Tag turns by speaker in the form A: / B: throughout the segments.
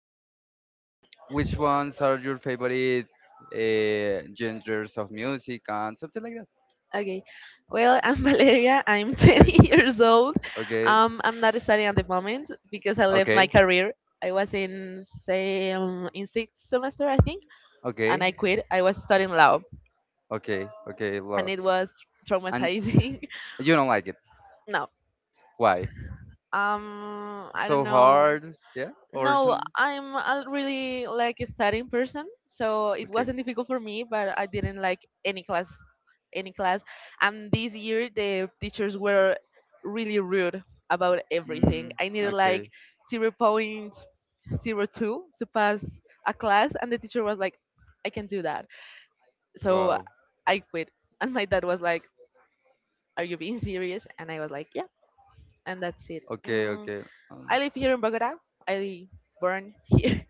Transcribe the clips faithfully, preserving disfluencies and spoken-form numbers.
A: I don't know which ones are your favorite uh, genres of music and something like that.
B: Okay. Well, I'm Valeria. I'm
A: Okay,
B: twenty years old.
A: okay,
B: Um, I'm not studying at the moment because I left my
A: okay,
B: career. I was in say um, in sixth semester, I think, and
A: okay,
B: I quit. I was studying law,
A: okay, okay.
B: and
A: Love,
B: it was
A: and
B: traumatizing.
A: you don't like it.
B: No,
A: Why?
B: um, I don't
A: So
B: know.
A: hard, yeah, or
B: No,
A: some.
B: I'm a really like a studying person, so it
A: Okay.
B: wasn't difficult for me, but I didn't like any class, any class. And this year the teachers were really rude about everything.
A: mm,
B: I needed like
A: okay.
B: zero point zero 0.02 to pass a class, and the teacher was like, "I can do that." So
A: Wow.
B: I quit, and my dad was like, "Are you being serious?" And I was like, "Yeah." And that's it.
A: Okay,
B: Mm,
A: okay. um,
B: I live here in Bogota. I born here.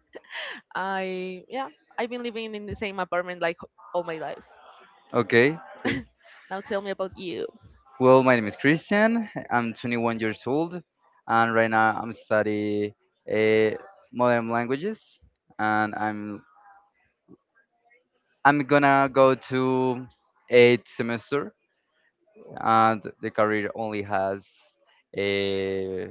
B: I yeah, I've been living in the same apartment like all my life.
A: okay, okay.
B: Now tell me about you.
A: Well, my name is Christian, I'm twenty-one years old, and right now I'm studying uh, modern languages, and i'm i'm gonna go to eighth semester, and the career only has uh,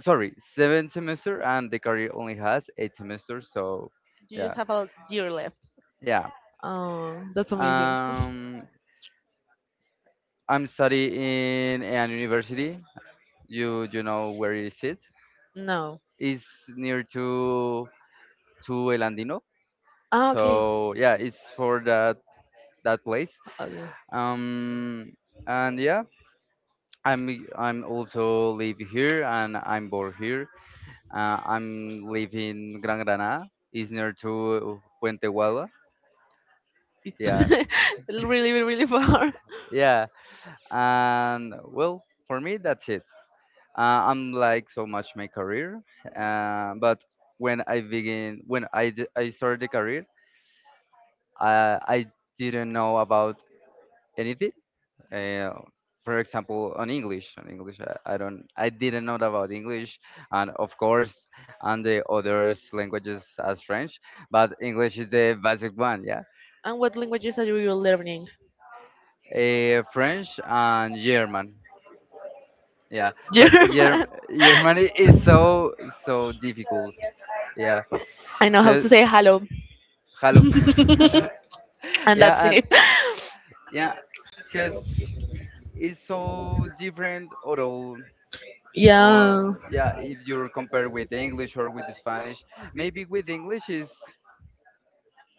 A: sorry, seven semester, and the career only has eight semesters. So,
B: You
A: yeah,
B: just have a year left.
A: yeah.
B: Oh, that's amazing.
A: Um, I'm studying in an university. You you know where is it?
B: No.
A: It's near to to El Andino.
B: Ah, okay.
A: So yeah, it's for that that place.
B: Okay.
A: Um, and yeah, I'm I'm also live here and I'm born here. Uh, I'm living Gran Granada. It's near to Puente Guava.
B: It's
A: Yeah,
B: really, really, really far.
A: yeah, and well, for me that's it. uh, I'm like so much my career, uh, but when I begin when I d- I started the career. uh, I didn't know about anything. uh, for example, on english, on english I, I don't i didn't know about english, and of course, and the others languages as french, but english is the basic one, yeah.
B: And what languages are you learning?
A: Uh, french and german, yeah. But
B: German.
A: Germ- germany is so so difficult, yeah.
B: I know how
A: Because
B: to say hello.
A: hello.
B: And
A: Yeah.
B: that's
A: And
B: it.
A: yeah, because it's so different, although. Or
B: Yeah.
A: yeah, if you compare with english or with spanish, maybe with english is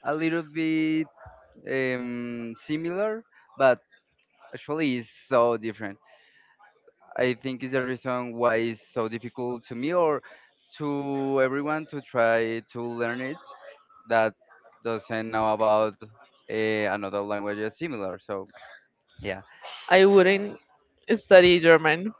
A: a little bit um, similar, but actually it's so different. I think is the reason why it's so difficult to me, or to everyone to try to learn it, that doesn't know about uh, another language is similar. So yeah.
B: I wouldn't study German.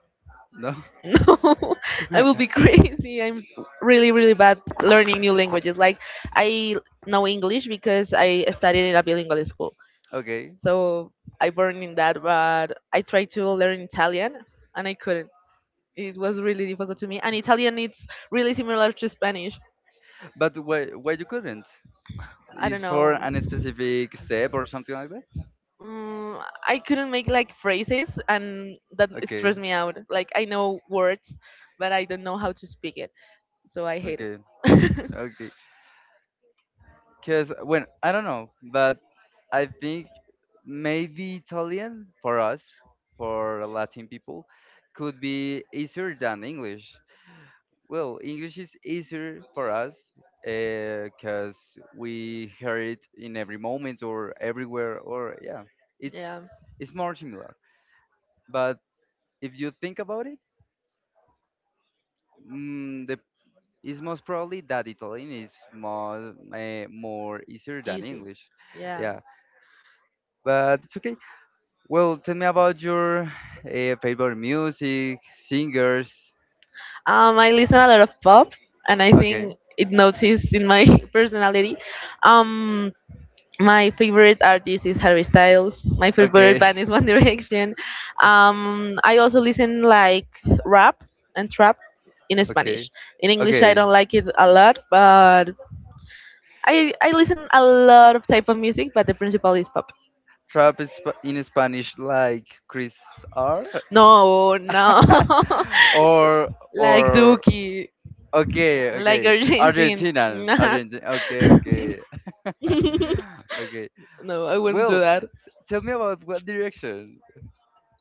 A: No.
B: No, I will be crazy. I'm really, really bad learning new languages. Like, I know English because I studied in a bilingual school.
A: Okay.
B: So I burned in that, but I tried to learn Italian and I couldn't. It was really difficult to me. And Italian, it's really similar to Spanish.
A: But why why you couldn't?
B: I don't
A: Is for
B: know.
A: an specific step or something like that?
B: Mm, I couldn't make like phrases, and that it
A: Okay,
B: stressed me out. Like, I know words, but I don't know how to speak it. So I hate
A: okay,
B: it.
A: okay. Cause when I don't know, but I think maybe Italian for us, for Latin people, could be easier than English. Well, English is easier for us because we hear it in every moment or everywhere, or yeah, it's
B: Yeah.
A: it's more similar. But if you think about it, mm, the it's most probably that Italian is more uh, more easier than
B: Easy.
A: English.
B: Yeah.
A: Yeah, but it's okay. Well, tell me about your uh, favorite music, singers.
B: Um, I listen a lot of pop, and I
A: Okay,
B: think it noticed in my personality. Um, my favorite artist is Harry Styles. My favorite
A: okay,
B: band is One Direction. Um, I also listen like rap and trap in
A: okay,
B: Spanish. In English, I
A: okay.
B: don't like it a lot, but I I listen a lot of type of music, but the principal is pop.
A: Trap is sp- in Spanish like Chris R.
B: No, no,
A: Or.
B: like
A: or
B: Dookie,
A: okay,
B: like
A: okay.
B: Argentine.
A: Argentinian
B: Nah.
A: Argentin okay, okay. Okay.
B: No, I wouldn't do
A: Well,
B: that.
A: s- tell me about what direction.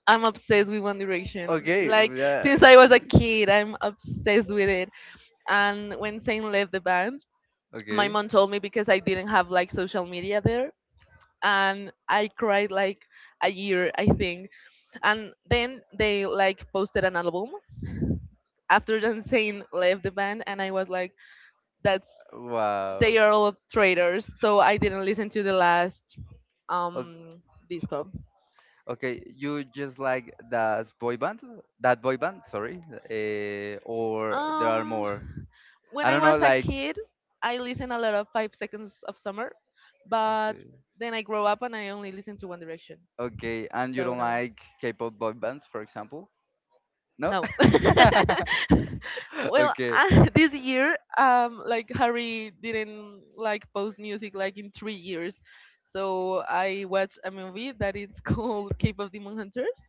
B: I'm obsessed with One Direction.
A: Okay,
B: Like
A: yeah.
B: since I was a kid, I'm obsessed with it. And when Zayn left the band, my
A: Okay.
B: mom told me because I didn't have like social media there, and I cried like a year, I think. And then they like posted an album after Dancing left the band, and I was like, that's
A: Wow.
B: they are all traitors. So I didn't listen to the last um disco.
A: Okay, you just like that boy band, that boy band, sorry, uh, or there are more.
B: Um,
A: I
B: when I
A: don't know,
B: was a
A: like.
B: kid, I listened a lot of Five Seconds of Summer, but
A: Okay,
B: then I grow up and I only listen to One Direction.
A: okay, and you
B: So
A: don't
B: no.
A: like K-pop boy bands, for example? No.
B: No. Well,
A: Okay.
B: uh, this year, um, like Harry didn't like post music like in three years, so I watched a movie that is called Cave of Demon Hunters,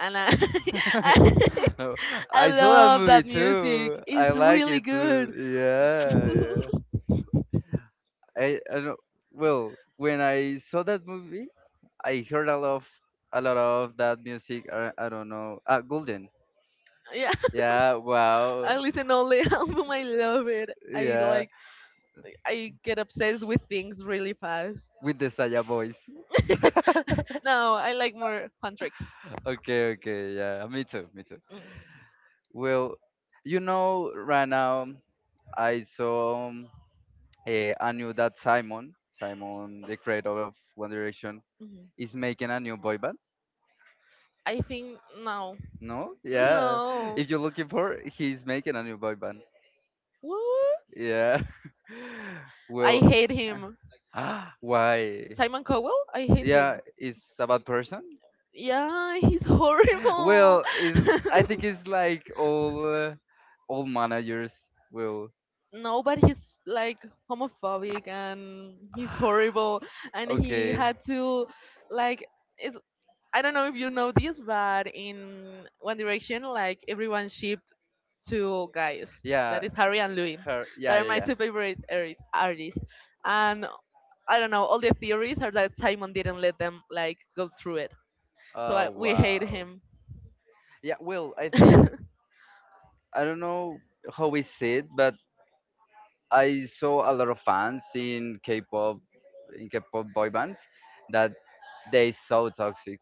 B: and I, I,
A: No,
B: I
A: I saw that
B: love
A: movie
B: that music.
A: too. I
B: It's
A: like
B: really
A: it too.
B: good.
A: Yeah, yeah. I, I don't, well, when I saw that movie, I heard a lot of, a lot of that music. I, I don't know. Uh, Golden.
B: Yeah,
A: Yeah. Wow.
B: I listen all the album. I love it. I
A: Yeah.
B: like. I get obsessed with things really fast.
A: With the Saya voice.
B: No, I like more fun tricks.
A: Okay. Okay. Yeah. Me too. Me too.
B: Mm,
A: Well, you know, right now I saw, um, eh, I knew that Simon, Simon, the creator of One Direction,
B: mhm.
A: is making a new boy band.
B: I think no,
A: No? Yeah.
B: no.
A: If you're looking for, he's making a new boy band.
B: What?
A: Yeah.
B: I
A: Well.
B: hate him.
A: Why?
B: Simon Cowell. I hate
A: Yeah,
B: him.
A: is a bad person.
B: Yeah, he's horrible.
A: Well, is, I think it's like all uh, all managers will.
B: No, but he's like homophobic and he's horrible. And he
A: Okay,
B: had to like. It's, I don't know if you know this, but in One Direction, like everyone ship two guys. Yeah.
A: yeah,
B: That is Harry and Louis.
A: her,
B: That
A: yeah,
B: are
A: yeah,
B: my
A: yeah.
B: two favorite arti- artists. And I don't know, all the theories are that Simon didn't let them like go through it. So
A: Oh,
B: I, we hate
A: wow.
B: him.
A: Yeah. Well, I think, I don't know how we see it, but I saw a lot of fans in k-pop, in k-pop boy bands, that they so toxic.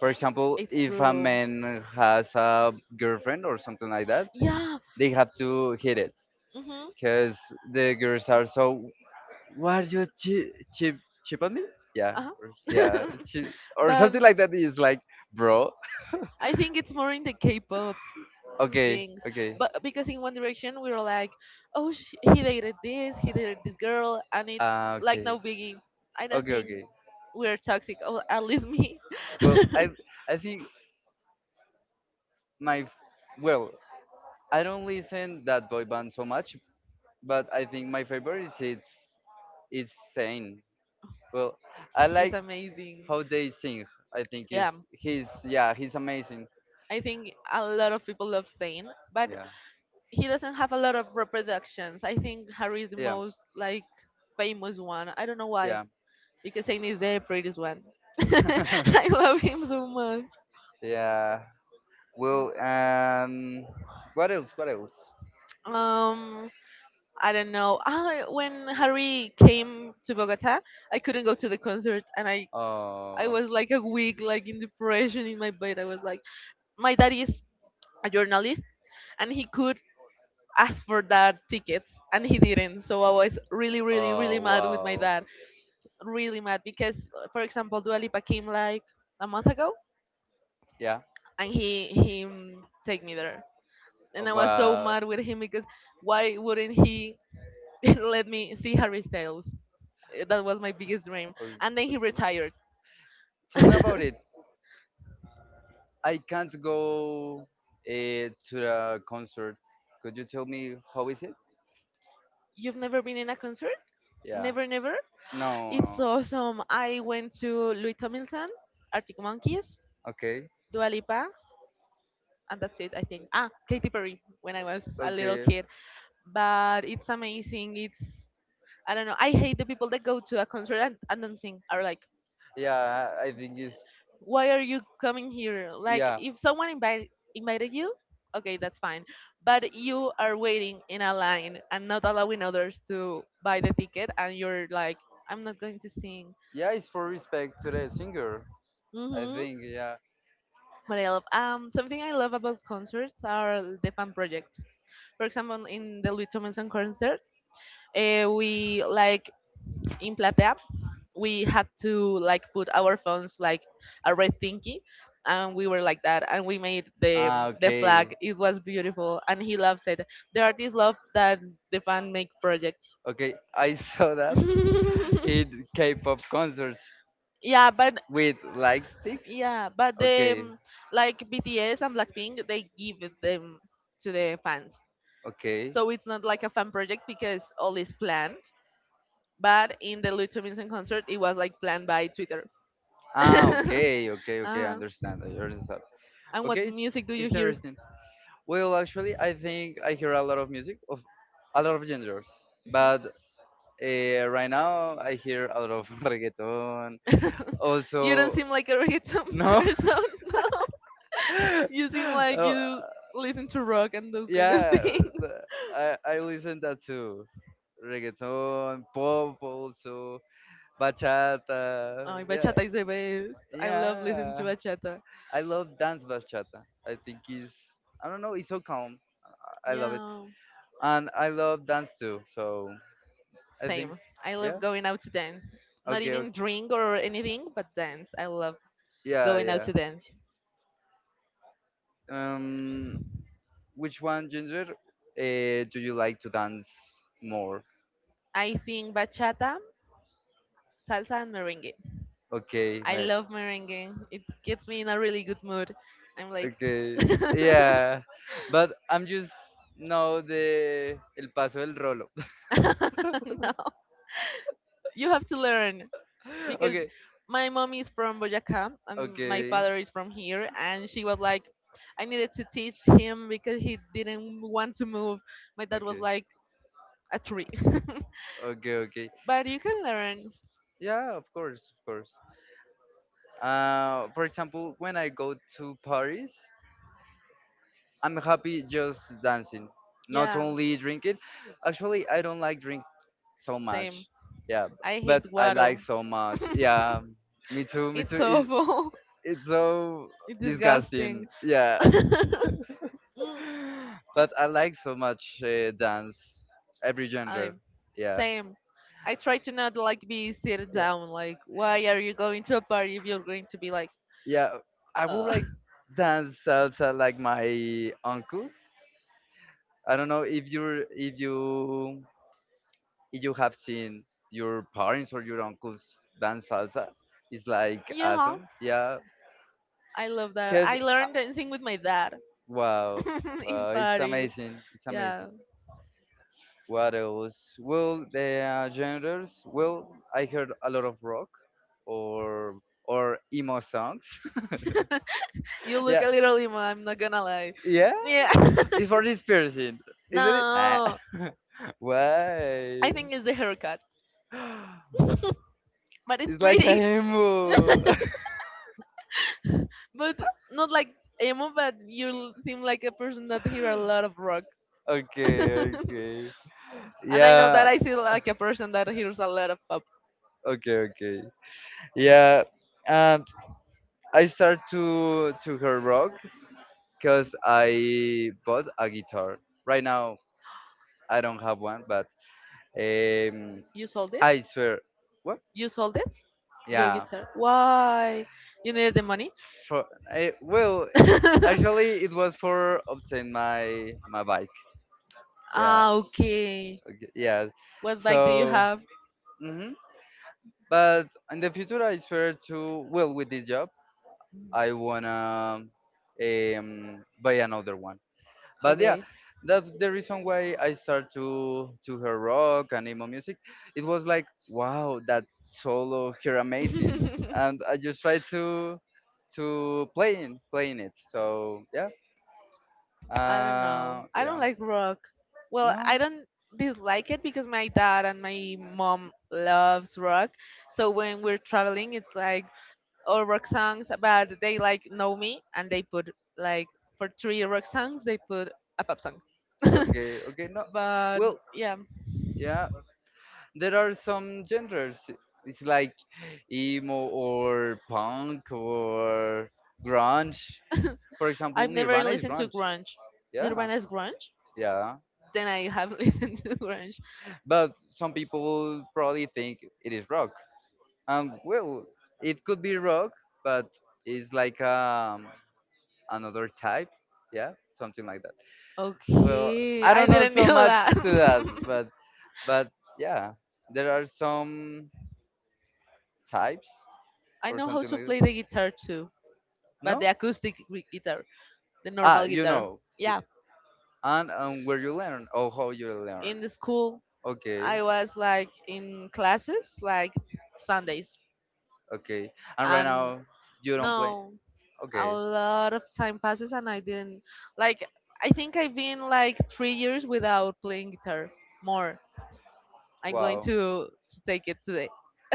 A: For example,
B: It's
A: if a
B: true.
A: man has a girlfriend or something like that,
B: Yeah.
A: they have to hit it
B: Hmm.
A: because the girls are so. Why are you cheap cheap cheap on me, yeah,
B: Uh-huh.
A: or, yeah, cheap, or
B: But
A: something like that, is like bro.
B: I think it's more in the K-pop
A: Okay,
B: things.
A: okay.
B: But because in One Direction we were like, oh, sh- he dated this, he dated this girl, and it's
A: Uh,
B: like
A: okay,
B: no biggie. I don't
A: okay,
B: think
A: okay.
B: we're toxic, or at least me.
A: Well, i i think, my f- well, I don't listen that boy band so much, but I think my favorite is, is Sane. Well, I
B: He's
A: like
B: amazing.
A: how they sing. I think is
B: Yeah,
A: he's, yeah, he's amazing.
B: I think a lot of people love Zayn, but
A: Yeah,
B: he doesn't have a lot of reproductions. I think Harry is the
A: yeah,
B: most like famous one. I don't know why,
A: yeah.
B: because Zayn is the prettiest one. I love him so much.
A: Yeah. Well, and what else? What else?
B: Um, I don't know. I, when Harry came to Bogota, I couldn't go to the concert, and I I
A: Oh,
B: was like a week like in depression in my bed. I was like, my dad is a journalist, and he could ask for that tickets, and he didn't. So I was really, really,
A: oh,
B: really mad with my
A: wow.
B: dad. Really mad because, uh, for example, Dua Lipa came like a month ago,
A: Yeah.
B: and he he mm, take me there,
A: Oh,
B: and I was so
A: wow.
B: mad with him because why wouldn't he let me see Harry Styles? Eh, That was my biggest dream.
A: Okay.
B: And then he
A: Okay.
B: retired.
A: Tell me about it. I can't go uh, to the concert. Could you tell me how is it?
B: You've never been in a concert?
A: Yeah.
B: Never, never.
A: No,
B: It's
A: no.
B: awesome. I went to Louis Tomlinson, Arctic Monkeys,
A: Okay.
B: Dua Lipa, and that's it, I think. Ah, Katy Perry when I was a little
A: Okay.
B: kid. But it's amazing. It's I don't know. I hate the people that go to a concert and, and don't sing. Are like,
A: Yeah, I think it's,
B: why are you coming here? Like,
A: yeah.
B: yeah. If someone invite, invited you, okay, that's fine. But you are waiting in a line and not allowing others to buy the ticket, and you're like, I'm not going to sing.
A: Yeah, it's for respect to the singer. I
B: Hmm.
A: think. Yeah.
B: What I love, um, something I love about concerts are the fan projects. For example, in the Louis Tomlinson concert, uh, we like in Platea we had to like put our phones like a red thingy and we were like that and we made the
A: Ah,
B: the
A: okay.
B: flag. It was beautiful and he loves it. The artist love that, the fan make project.
A: Okay. I saw that. In K-pop concerts,
B: Yeah, but
A: with light sticks?
B: yeah, but the
A: Okay,
B: um, like BTS and Blackpink, they give it them to the fans,
A: okay.
B: so it's not like a fan project because all is planned, but in the Louis Tomlinson concert it was like planned by Twitter.
A: Ah, okay, okay, okay. I
B: uh,
A: understand. I understand.
B: and what
A: Okay, it's
B: music do you hear?
A: interesting. Well, actually, I think I hear a lot of music of a lot of genres, but uh, right now I hear a lot of reggaeton.
B: You don't
A: Also.
B: seem like a reggaeton
A: No.
B: person, no. You seem like
A: Oh,
B: you listen to rock and those kind of
A: yeah.
B: things.
A: the- I I listen that too. Reggaeton, pop also. Bachata.
B: Oh,
A: Yeah.
B: bachata is the best. I love listening to
A: Yeah.
B: bachata.
A: I love dance bachata. I think it's, I don't know, it's so calm. I love it.
B: Yeah,
A: And I love dance too. So I think,
B: same. I
A: yeah.
B: love going out to dance. Not
A: Okay,
B: even
A: okay.
B: drink or anything, but dance. I love
A: Yeah,
B: going out
A: yeah.
B: to dance.
A: Um which one ginger uh, do you like to dance more?
B: I think bachata, salsa, and merengue.
A: Okay,
B: I
A: right.
B: love merengue. It gets me in a really good mood. I'm like,
A: Okay. Yeah. But I'm just know the el paso del rolo.
B: no, you have to learn because
A: Okay.
B: my mom is from Boyacá and my
A: Okay.
B: father is from here, and she was like, I needed to teach him because he didn't want to move. My dad was
A: Okay.
B: like a tree,
A: Okay, okay.
B: but you can learn.
A: Yeah, of course, of course. Uh, for example, when I go to Paris, I'm happy just dancing, not
B: Yeah,
A: only drinking. Actually, I don't like drink so
B: same.
A: much. Yeah, b-
B: I hate
A: but I like
B: guaro.
A: so much. Yeah, me too, me
B: It's
A: too. It,
B: awful.
A: it's so
B: It's disgusting.
A: disgusting. Yeah, but I like so much uh, dance, every
B: I
A: genre. Yeah,
B: same. I try to not like be sit
A: yeah,
B: down. Like, why are you going to a party if you're going to be like,
A: yeah. I would
B: uh,
A: like dance salsa like my uncles. I don't know if you're, if you if you have seen your parents or your uncles dance salsa. It's like
B: yeah.
A: awesome. Yeah,
B: I love that.
A: cause
B: I
A: uh,
B: learned dancing with my dad
A: wow,
B: in
A: wow, it's
B: Paris.
A: amazing. It's amazing.
B: Yeah.
A: What else? Well, the uh, genres. Well, I heard a lot of rock, or or emo songs.
B: You look
A: Yeah,
B: a little emo, I'm not gonna lie.
A: yeah.
B: Yeah.
A: It's for this person, isn't it? Ah.
B: No. I
A: Why?
B: think it's the haircut. But it's
A: It's like a
B: pretty.
A: emo.
B: But not like emo, but you l- seem like a person that hear a lot of rock.
A: Okay,
B: And
A: okay.
B: I know that
A: Yeah,
B: I seem like a person that hears a lot of pop.
A: okay, okay. Yeah, um, I start to to her rock because I bought a guitar. Right now, I don't have one, but um,
B: You sold it?
A: I swear, what?
B: You sold it? Your
A: Yeah.
B: guitar? Why? You needed the money?
A: For, eh, well, actually, it was for obtain my my bike. Yeah,
B: Ah, okay.
A: okay, yeah.
B: What bike do you
A: So,
B: have?
A: mhm. But in the future, I swear to, well, with this job, I wanna um, buy another one. But yeah,
B: Okay.
A: that's the reason why I started to to her rock and emo music. It was like, wow, that solo here amazing, and I just tried to to playing playing it. So yeah,
B: I don't know.
A: uh,
B: I don't
A: yeah,
B: like rock. Well,
A: no,
B: I don't dislike it because my dad and my mom loves rock. So when we're traveling, it's like all rock songs, but they like know me and they put like for three rock songs, they put a pop song.
A: okay, okay, no,
B: But
A: well,
B: yeah,
A: yeah, there are some genders. It's like emo, or punk, or grunge. For
B: I've
A: example,
B: never
A: Nirvana is
B: listened to
A: grunge.
B: grunge.
A: Yeah,
B: Nirvana is grunge.
A: yeah.
B: Then I have listened to grunge.
A: But some people probably think it is rock. Um, well, it could be rock, but it's like um another type. Yeah, something like that. Well,
B: Okay,
A: I
B: I
A: don't know
B: didn't
A: so
B: know
A: much
B: that.
A: to that, but but yeah, there are some types,
B: I
A: or
B: know how
A: something
B: to
A: like that.
B: play the guitar too, but
A: No?
B: the acoustic gui- guitar, the
A: Ah,
B: normal
A: you
B: guitar.
A: know,
B: Yeah,
A: and um, where you learn, or how you learn.
B: in the school,
A: Okay,
B: I was like in classes, like Sundays,
A: okay. And right
B: and
A: now you don't play.
B: no, a
A: Okay.
B: lot of time passes, and I didn't like. I think I've been like three years without playing guitar. More, I'm going
A: Wow.
B: to to take it today.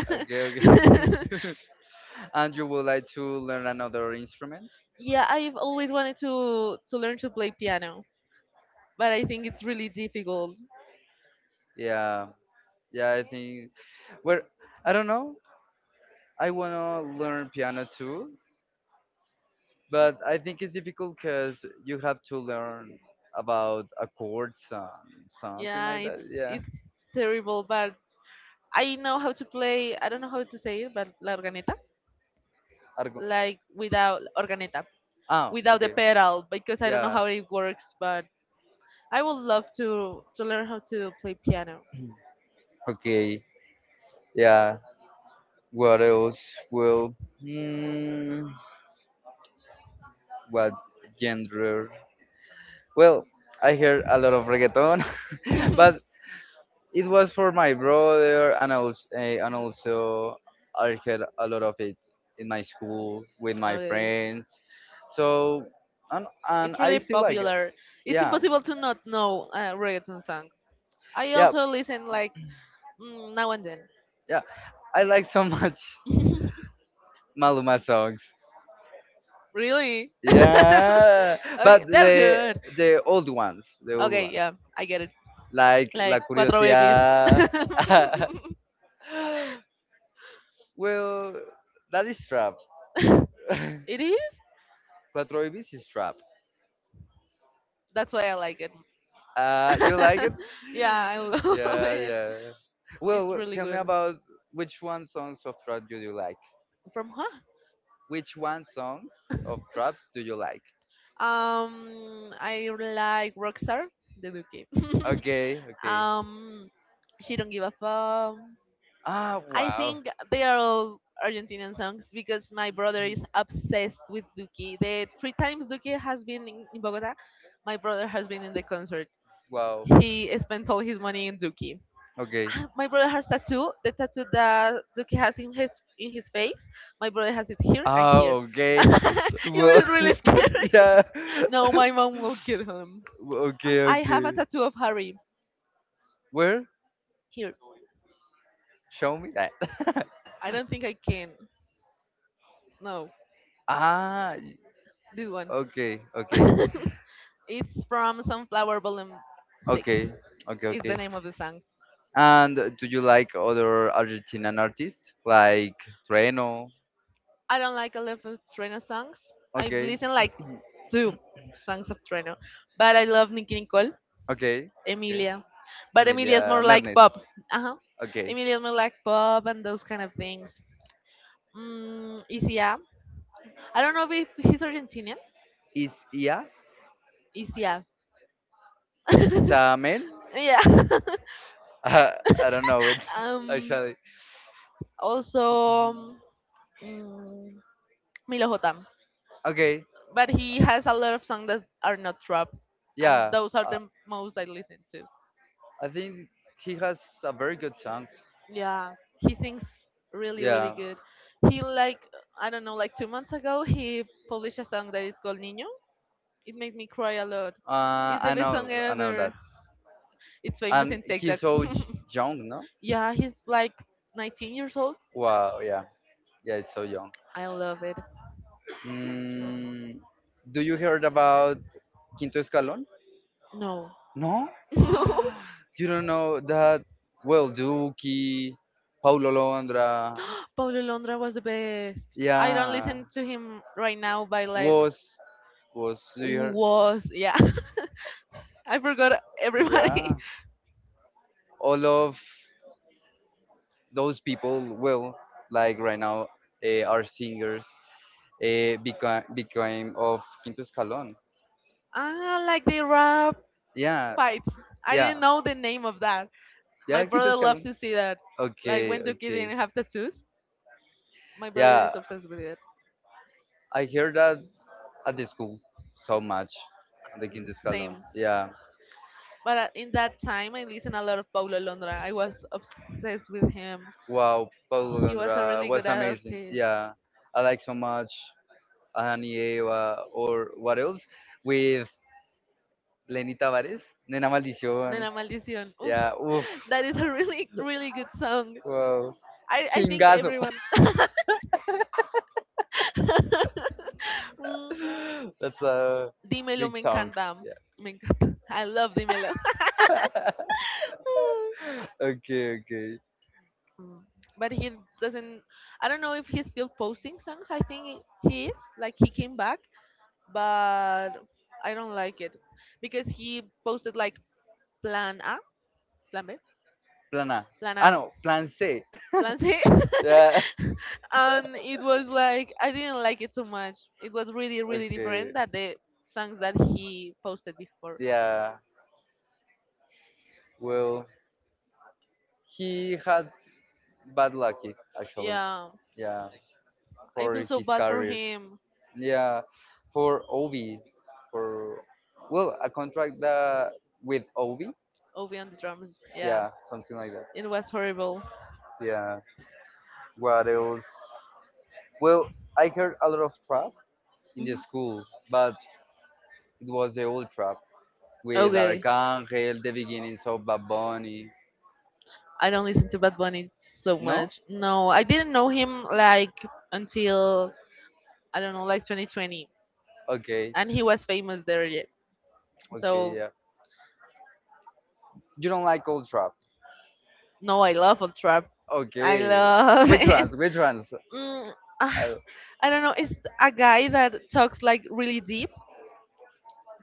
A: Okay, okay. And you would like to learn another instrument?
B: Yeah, I've always wanted to to learn to play piano, but I think it's really difficult.
A: Yeah, yeah. I think. Well, I don't know. I wanna learn piano too, but I think it's difficult because you have to learn about accords and something
B: Yeah,
A: like that.
B: it's
A: Yeah.
B: it's terrible, but I know how to play. I don't know how to say it, but la organeta,
A: Argo-
B: like without organeta,
A: oh,
B: without the
A: okay.
B: pedal, because I don't know
A: Yeah.
B: how it works. But I would love to to learn how to play piano.
A: Okay. Yeah. What else? Well, hmm, what genre? Well, I hear a lot of reggaeton, but it was for my brother, and also, and also I had a lot of it in my school with my
B: Okay.
A: friends. So, and and
B: It's
A: I
B: really
A: still like it.
B: popular. It's
A: Yeah,
B: impossible to not know a reggaeton song. I
A: yeah,
B: also listen like mm, now and then.
A: yeah. I like so much Maluma songs.
B: Really?
A: Yeah, but
B: Okay, they're
A: the
B: good.
A: the old ones, the old
B: Okay,
A: ones,
B: yeah, I get it.
A: like La
B: Like Cuatro Babies.
A: Curiosidad. Well, that is trap.
B: It is?
A: Cuatro Ibis is trap.
B: That's why I like it.
A: Uh, you like it?
B: Yeah, I love
A: Yeah,
B: it.
A: yeah. Well,
B: It's
A: well,
B: really
A: tell me
B: good.
A: about which one songs of trap do you like?
B: From who?
A: Which one songs of trap do you like?
B: Um, I like Rockstar, the Duki.
A: Okay, okay.
B: um, she don't give a fuck.
A: Ah,
B: I
A: wow,
B: think they are all Argentinian songs because my brother is obsessed with Duki. The three times Duki has been in, in Bogota, my brother has been in the concert.
A: wow.
B: He spends all his money in Duki.
A: Okay.
B: My brother has tattoo. The tattoo that Duki has in his in his face, my brother has it here and
A: Ah,
B: here.
A: okay.
B: Okay, it
A: Well,
B: was really scary.
A: yeah.
B: No, my mom will kill him. Uh,
A: Okay,
B: I have a
A: okay.
B: tattoo of Harry
A: Where?
B: here.
A: Show me that.
B: I don't think I can. No,
A: Ah, y-
B: this one.
A: okay, okay,
B: It's from Sunflower Volume six.
A: okay, okay,
B: Is the
A: okay.
B: name of the song.
A: And do you like other Argentinian artists like Trueno?
B: I don't like a lot of Treno songs. I've
A: Okay,
B: listened like two songs of Treno, but I love Nicki Nicole,
A: okay, okay.
B: Emilia. But Emilia is
A: Emilia
B: more like
A: Mernes.
B: pop. Uh huh.
A: Okay.
B: Emilia is more like pop and those kind of things. Mm, Isia. I don't know if he's Argentinian.
A: Is, yeah?
B: Isia.
A: It's a man?
B: Yeah.
A: I don't know it
B: um,
A: actually.
B: Also, mm, Milo J.
A: Okay,
B: But he has a lot of songs that are not trap, and
A: yeah.
B: those are
A: Uh,
B: the most I listen to.
A: I think he has a very good songs.
B: Yeah, he sings really, really
A: Yeah.
B: good. He like I don't know, like two months ago, he published a song that is called Niño. It made me cry a lot.
A: Uh,
B: It's the
A: I
B: best
A: know,
B: song
A: I know
B: ever.
A: that.
B: It's famous
A: And
B: in
A: he's
B: TikTok.
A: so j- young, no?
B: Yeah, he's like nineteen years old.
A: Wow. Yeah. Yeah, it's so young.
B: I love it.
A: Mm, do you heard about Quinto Escalón?
B: No,
A: No?
B: no.
A: You don't know that? Well, Duki, Paulo Londra,
B: Paulo Londra was the best. I don't
A: yeah,
B: listen to him right now, but like
A: was, was, do you hear?
B: was, yeah. I forgot everybody.
A: Yeah, all of those people, well, like right now, uh, are singers, uh, became, became of Quinto Escalón.
B: Ah, like the rap
A: Yeah,
B: fights. I
A: yeah,
B: didn't know the name of that. My
A: yeah, Quinto
B: brother loved
A: Escalón.
B: to see that. Like
A: Okay,
B: when Duki
A: okay.
B: didn't have tattoos, my brother
A: Yeah,
B: is obsessed with it.
A: I hear that at the school so much, the Quinto Escalón.
B: Same.
A: Yeah.
B: But uh, in that time, I listened a lot of Paulo Londra. I was obsessed with him.
A: Wow, Paulo
B: He was a
A: Londra
B: really good
A: was amazing.
B: artist.
A: Yeah, I like so much Anieva or what else with Lenny Tavares, Nena Maldición.
B: Nena Maldición. Oof,
A: Yeah, oof,
B: that is a really, really good song.
A: wow,
B: I, I think Canta
A: Singazo.
B: everyone. Mm,
A: That's a
B: Dímelo
A: big
B: me
A: song.
B: encanta. Me encanta. I love Dímelo.
A: Yeah. Okay, okay.
B: Mm, but he doesn't. I don't know if he's still posting songs. I think he is. Like he came back, but I don't like it because he posted like Plan A, Plan B.
A: Plan A.
B: Plan
A: Ah
B: A.
A: no, Plan C.
B: Plan C.
A: Yeah.
B: And it was like I didn't like it so much. It was really, really
A: Okay.
B: different that the songs that he posted before.
A: Yeah. Well, he had bad luck actually.
B: Yeah.
A: Yeah,
B: I
A: for
B: feel so
A: his
B: bad for
A: career.
B: him.
A: Yeah, for Ovi, for well, a contract that with Ovi.
B: Ovi on the drums. Yeah.
A: Yeah, something like that.
B: It was horrible.
A: Yeah. What else? Well, I heard a lot of trap in the
B: Mhm.
A: school, but it was the old trap with
B: Okay.
A: Arcangel, the beginnings of Bad Bunny.
B: I don't listen to Bad Bunny so
A: No?
B: much. No, I didn't know him like until I don't know, like twenty twenty,
A: Okay.
B: and he was famous there yet.
A: Okay.
B: So
A: Yeah. You don't like old trap.
B: no, I love old trap. I
A: Okay.
B: love
A: Which
B: it.
A: ones? Which ones?
B: Mm, ah,
A: I,
B: I don't know. It's a guy that talks like really deep,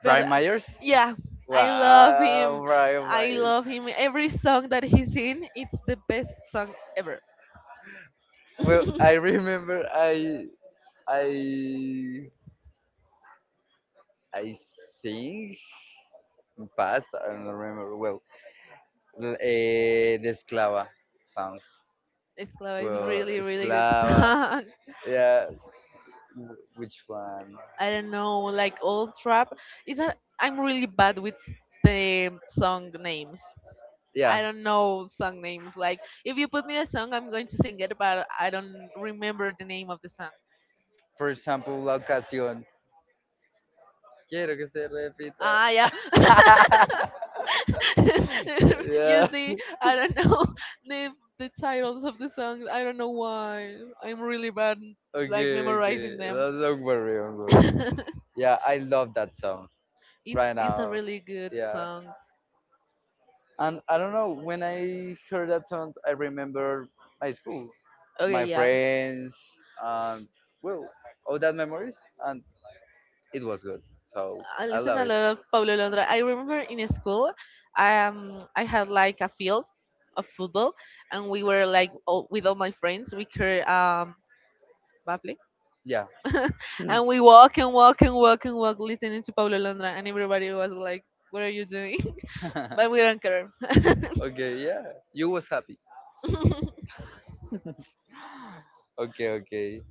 B: but
A: Brian
B: uh,
A: Myers.
B: yeah, I love
A: Wow,
B: him.
A: Brian
B: I
A: Myers.
B: love him. Every song that he's in, it's the best song ever.
A: Well, I
B: I
A: remember I I I think in past I don't remember well uh, the Esclava song.
B: Esclava is
A: Well,
B: really, really good
A: Esclava,
B: song.
A: yeah. w- Which one?
B: I don't know, like old trap. Is that I'm really bad with the song names.
A: Yeah.
B: I don't know song names. Like if you put me a song, I'm going to sing it, but I don't remember the name of the song.
A: For example, La Ocasión. Quiero que se repita.
B: Ah, yeah. You
A: Yeah.
B: see, I don't know the the titles of the songs. I don't know why. I'm really bad like
A: Okay,
B: memorizing
A: okay.
B: them.
A: That's not very.
B: it's
A: Yeah, I love that song right
B: it's a
A: now.
B: really good
A: Yeah.
B: song.
A: And I don't know, when I heard that song, I remember my school,
B: Okay,
A: my
B: yeah.
A: friends, and well, all that memories, and it was good. So
B: I
A: I
B: listen
A: love
B: a
A: it.
B: lot of Pablo Londra. I remember in school, um, I had like a field of football, and we were like all, with all my friends. We could um, Bubbly.
A: Yeah.
B: And we walk and walk and walk and walk listening to Pablo Londra and everybody was like, what are you doing? But we don't care.
A: Okay, yeah. You was happy. Okay, okay.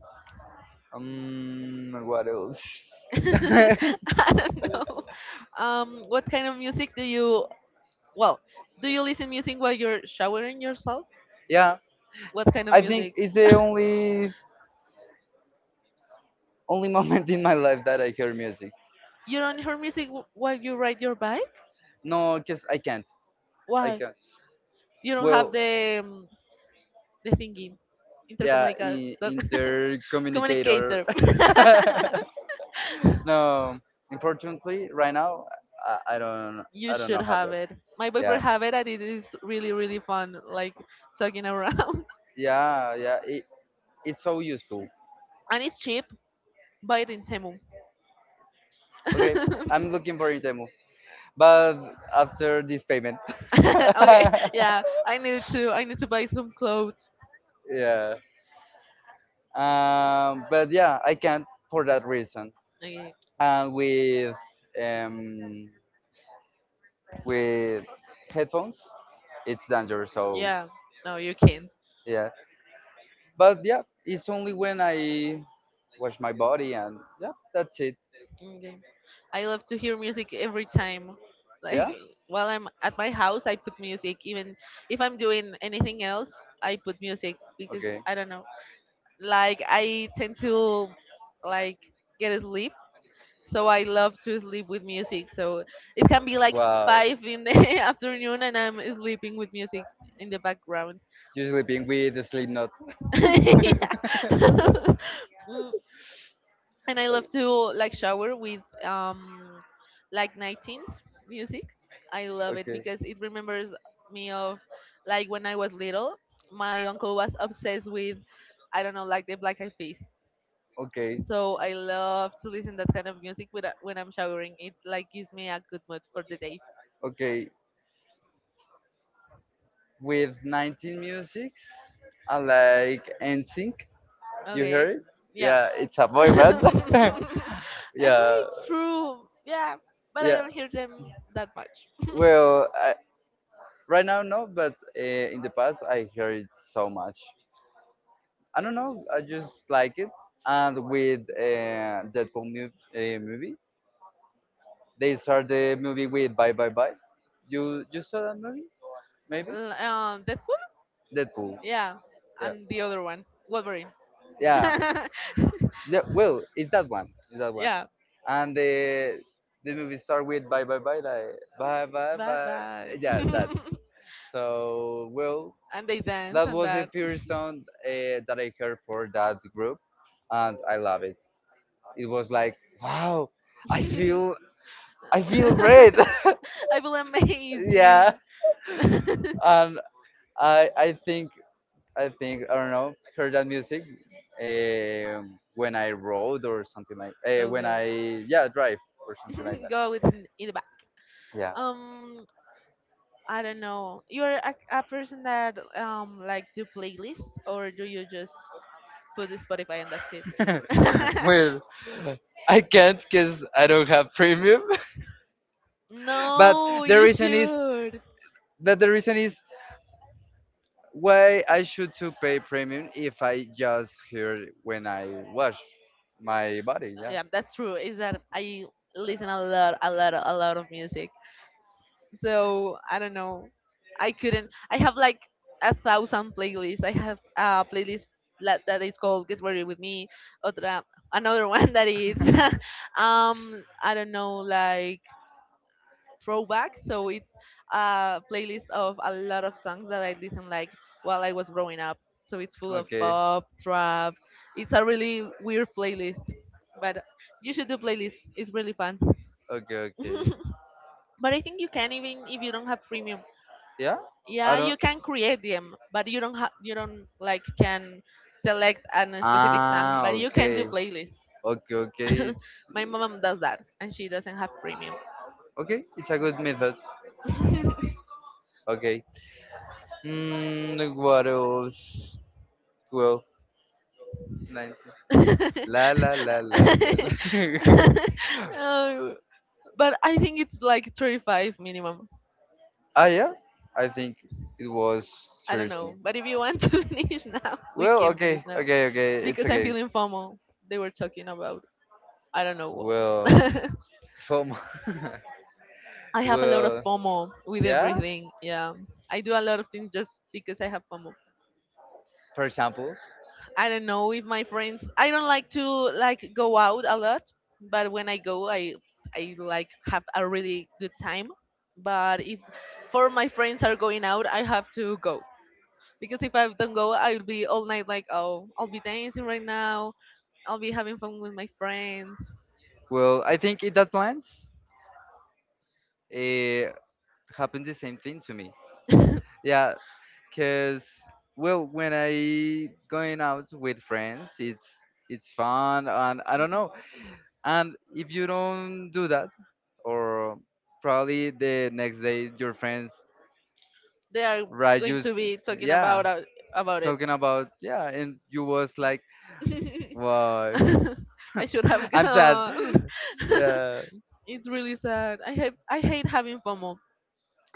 A: Um, what else?
B: I don't know. Um, what kind of music do you? Well, do you listen music while you're showering yourself?
A: Yeah,
B: What kind of
A: I think
B: music?
A: it's the only only moment in my life that I hear music.
B: You don't hear music w- while you ride your bike?
A: No, cause I can't. I
B: Why?
A: can't.
B: You don't have
A: Well,
B: the um, the thingy,
A: yeah,
B: intercommunicator,
A: in, intercommunicator.
B: communicator.
A: No, unfortunately, right now, I, I don't,
B: You
A: I don't
B: should
A: know how
B: have
A: that.
B: it. My
A: Yeah,
B: boyfriend have it, and it is really really fun. Like talking around,
A: yeah, yeah. It, it's so useful.
B: and it's cheap. Buy it in Temu.
A: Okay, I'm looking for Itemu, but after this payment.
B: Okay, yeah. I need to. I need to buy some clothes.
A: Yeah. Um, but yeah, I can't for that reason.
B: Okay.
A: And with um, with headphones, it's dangerous. So
B: Yeah. No, you can't.
A: yeah. But yeah, it's only when I wash my body and yeah, that's it.
B: Okay. I love to hear music every time.
A: Yeah.
B: Like while I'm at my house, I put music. Even if I'm doing anything else, I put music because
A: Okay.
B: I don't know. Like I tend to like get asleep so I love to sleep with music. So it can be like
A: Wow.
B: five in the afternoon, and I'm sleeping with music in the background.
A: You're sleeping with the sleep note.
B: Yeah. Mm, and I love to like shower with um like 19s music. I love it
A: Okay.
B: because it remembers me of like when I was little. My uncle was obsessed with I don't know like the Black Eyed Peas.
A: Okay.
B: So I love to listen that kind of music with, when I'm showering. It like gives me a good mood for the day.
A: Okay. With nineteen musics, I like NSYNC. You hear
B: Okay.
A: it?
B: Yeah.
A: Yeah, it's a boy band.
B: Ah,
A: Yeah.
B: it's true. Yeah, but I
A: Yeah.
B: don't hear them that much.
A: Well, I, right now no, but uh, in the past I hear it so much. I don't know. I just like it. And with uh, Deadpool mu- uh, movie, they start the movie with Bye Bye Bye. You you saw that movie? Maybe
B: L- Um, Deadpool?
A: Deadpool.
B: Yeah,
A: Yeah.
B: and the other one, Wolverine.
A: Yeah, yeah. Well, it's that one. It's that one.
B: Yeah,
A: And the the movie start with bye bye bye like bye bye
B: bye
A: bye.
B: bye.
A: Yeah, that. So well,
B: And they dance
A: that
B: and
A: was the
B: that.
A: first song uh, that I heard for that group, and I love it. It was like wow, I feel I feel great.
B: I feel
A: Yeah,
B: amazing.
A: and I I think I think I don't know heard that music um when I rode or something like uh, when
B: Okay,
A: I yeah drive or something like that.
B: go with in in the back.
A: Yeah.
B: Um, I don't know. You're a, a person that um like do playlists or do you just put the Spotify and that's it.
A: Well, I can't because I don't have premium. But
B: No,
A: the
B: you
A: reason is
B: should.
A: that the reason is why I should to pay premium if I just hear when I wash my body.
B: Uh,
A: Yeah.
B: Yeah, that's true. Is that I listen a lot, a lot, a lot of music. So I don't know. I couldn't. I have like a thousand playlists. I have a playlist la- that is called "Get Ready with Me." Otra, another one that is,
A: Yeah.
B: um, I don't know, like throwback. So it's a playlist of a lot of songs that I listened like while I was growing up. So it's full of
A: Okay.
B: pop, trap. It's a really weird playlist, but you should do playlist. It's really fun.
A: Okay. Okay.
B: But I think you can even if you don't have premium.
A: Yeah. I
B: Yeah, you
A: don't.
B: can create them, but you don't have you don't like can select an- a specific song,
A: Ah.
B: but you can do
A: Okay.
B: playlists.
A: Okay. Okay. It's.
B: My mom does that, and she doesn't have premium.
A: Okay, it's a good method. Okay. Mm, what else? Well, nineteen. La la la la la la.
B: Oh, but I think it's like thirty-five minimum.
A: Ah, yeah? I think it was
B: I don't know.
A: Thursday.
B: But if you want to finish now, we
A: Well,
B: can
A: okay,
B: finish now.
A: okay, okay. It's
B: Because I'm
A: okay.
B: feeling FOMO. They were talking about, I don't know what.
A: Well, from.
B: I have a lot of
A: Well,
B: FOMO with
A: yeah,
B: everything. Yeah. I do a lot of things just because I have FOMO.
A: for example.
B: I don't know if my friends. I don't like to like go out a lot, but when I go, I I like have a really good time. But if four of my friends are going out, I have to go because if I don't go, I'll be all night like, oh, I'll be dancing right now. I'll be having fun with my friends.
A: Well, I think in that plans, it happened the same thing to me.
B: They
A: Yeah, cause well, when I going out with friends, it's it's fun, and I don't know. And if you don't do that, or probably the next day your friends
B: are
A: write
B: going
A: you,
B: to
A: s-
B: be talking
A: yeah,
B: about uh, about it.
A: talking about yeah, and you was like, wow,
B: I should have
A: I'm sad.
B: gone.
A: Yeah,
B: It's really sad. I have I hate having FOMO.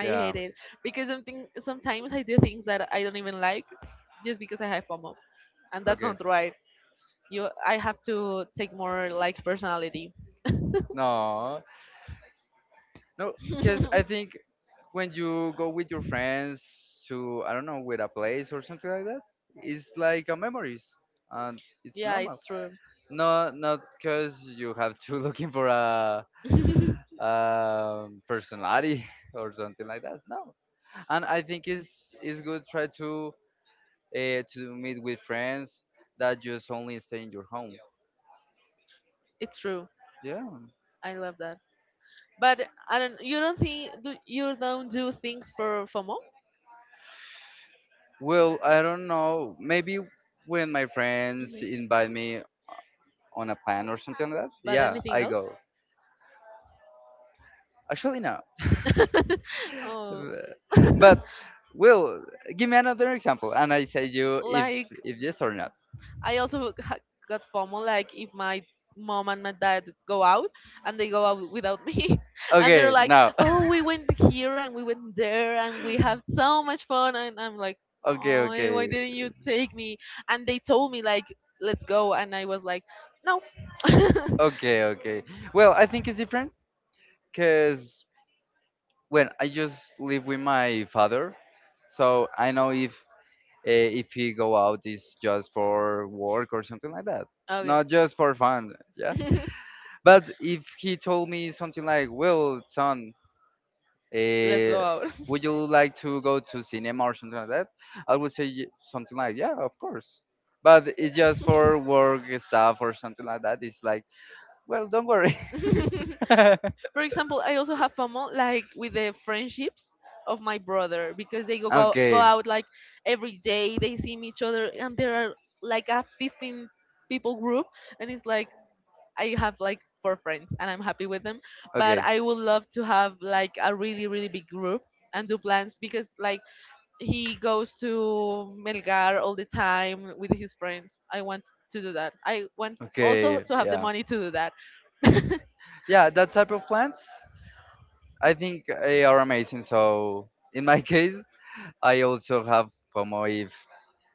B: I hate it because something sometimes I do things that I don't even like just because I have FOMO, and that's
A: okay.
B: not right. You, I have to take more like personality.
A: No, No, because I think when you go with your friends to I don't know with a place or something like that, it's like a memories and it's
B: Yeah,
A: normal.
B: it's true.
A: No, not because you have to looking for a um, personality or something like that. No, and I think it's it's good try to uh, to meet with friends that just only stay in your home.
B: It's true.
A: Yeah.
B: I love that. But I don't. You don't think do you don't do things for FOMO?
A: Well, I don't know. Maybe when my friends
B: Hmm.
A: invite me on a plan or something like that,
B: But
A: yeah,
B: anything
A: I
B: else?
A: go. Actually, no.
B: Oh.
A: But Will, give me another example, and I say you if
B: Like
A: if yes or not.
B: I also ha- got FOMO. Like if my mom and my dad go out and they go out without me, and they're
A: Okay,
B: like,
A: now.
B: "Oh, we went here and we went there and we had so much fun," and I'm like,
A: okay,
B: "Oh, why
A: okay,
B: didn't you take me?" And they told me like, "Let's go," and I was like, "No."
A: okay, okay. Well, I think it's different because when I just live with my father, so I know if uh, if he go out is just for work or something like that,
B: Okay,
A: not just for fun. Yeah. But if he told me something like, "Well, son,
B: let's
A: uh,
B: go out.
A: would you like to go to cinema or something like that? I would say y- something like, yeah, of course. But it's just for work stuff or something like that. It's like, well, don't worry."
B: For example, I also have FOMO like with the friendships of my brother because they go go, go
A: okay,
B: out like every day. They see each other, and there are like a fifteen people group, and it's like I have like four friends, and I'm happy with them. But
A: okay,
B: I would love to have like a really really big group and do plans because like he goes to Melgar all the time with his friends. I want to do that. I want also
A: okay,
B: to have the
A: yeah,
B: money to do that.
A: yeah. That type of plants, I think, they are amazing. So in my case, I also have FOMO if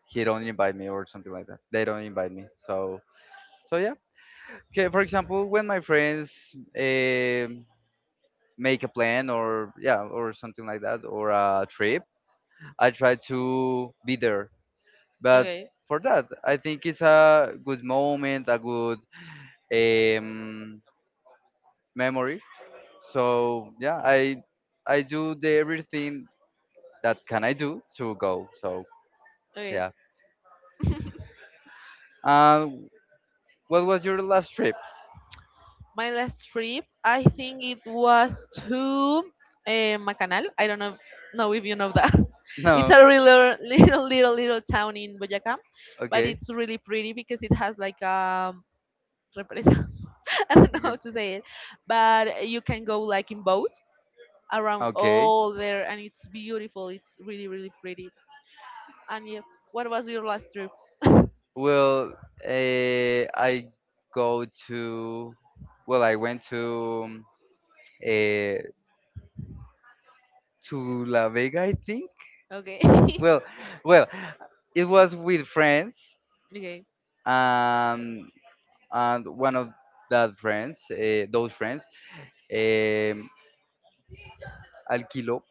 A: he don't invite me or something like that. They don't invite me. So so yeah. Okay. For example, when my friends um make a plan or yeah or something like that or a trip, I try to be there, but
B: Okay.
A: for that I think it's a good moment, a good um, memory. So yeah, i i do the everything that can I do to go. So
B: Okay, yes.
A: yeah. Um, what was your last trip?
B: My last trip, I think it was to eh, Macanal. I don't know, know if you know that. It's
A: No,
B: a really little, little, little town in Boyacá, but
A: okay,
B: it's really pretty because it has like a represa. I don't know how
A: okay,
B: to say it, but you can go like in boat around
A: okay.
B: all there, and it's beautiful. It's really, really pretty. And yeah, what was your last trip?
A: Well, uh, I go to well I went to um, uh, to La Vega, I think.
B: Okay.
A: Well, well, it was with friends,
B: Okay.
A: um, and one of that friends, uh, those friends, um, alquiló,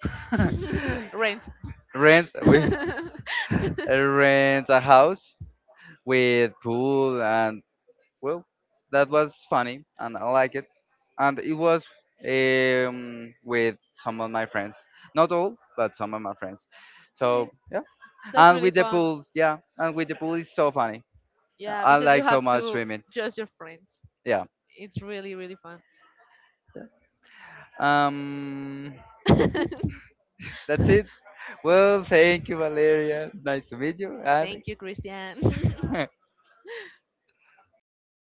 B: Rent.
A: rent, we rent a
B: Yeah,
A: house with pool, and well, that was funny, and I like it, and it was um with some of my friends, not all, but some of my friends. So yeah,
B: that's
A: and
B: really
A: with the
B: fun.
A: pool, yeah, and with the pool is so funny.
B: Yeah,
A: I
B: because you
A: like so
B: have
A: much
B: to
A: swimming.
B: judge your friends.
A: Yeah.
B: It's really, really fun.
A: Um, that's it. Well, thank you, Valeria. Nice to meet you. And
B: Thank you, Christian.
A: stop.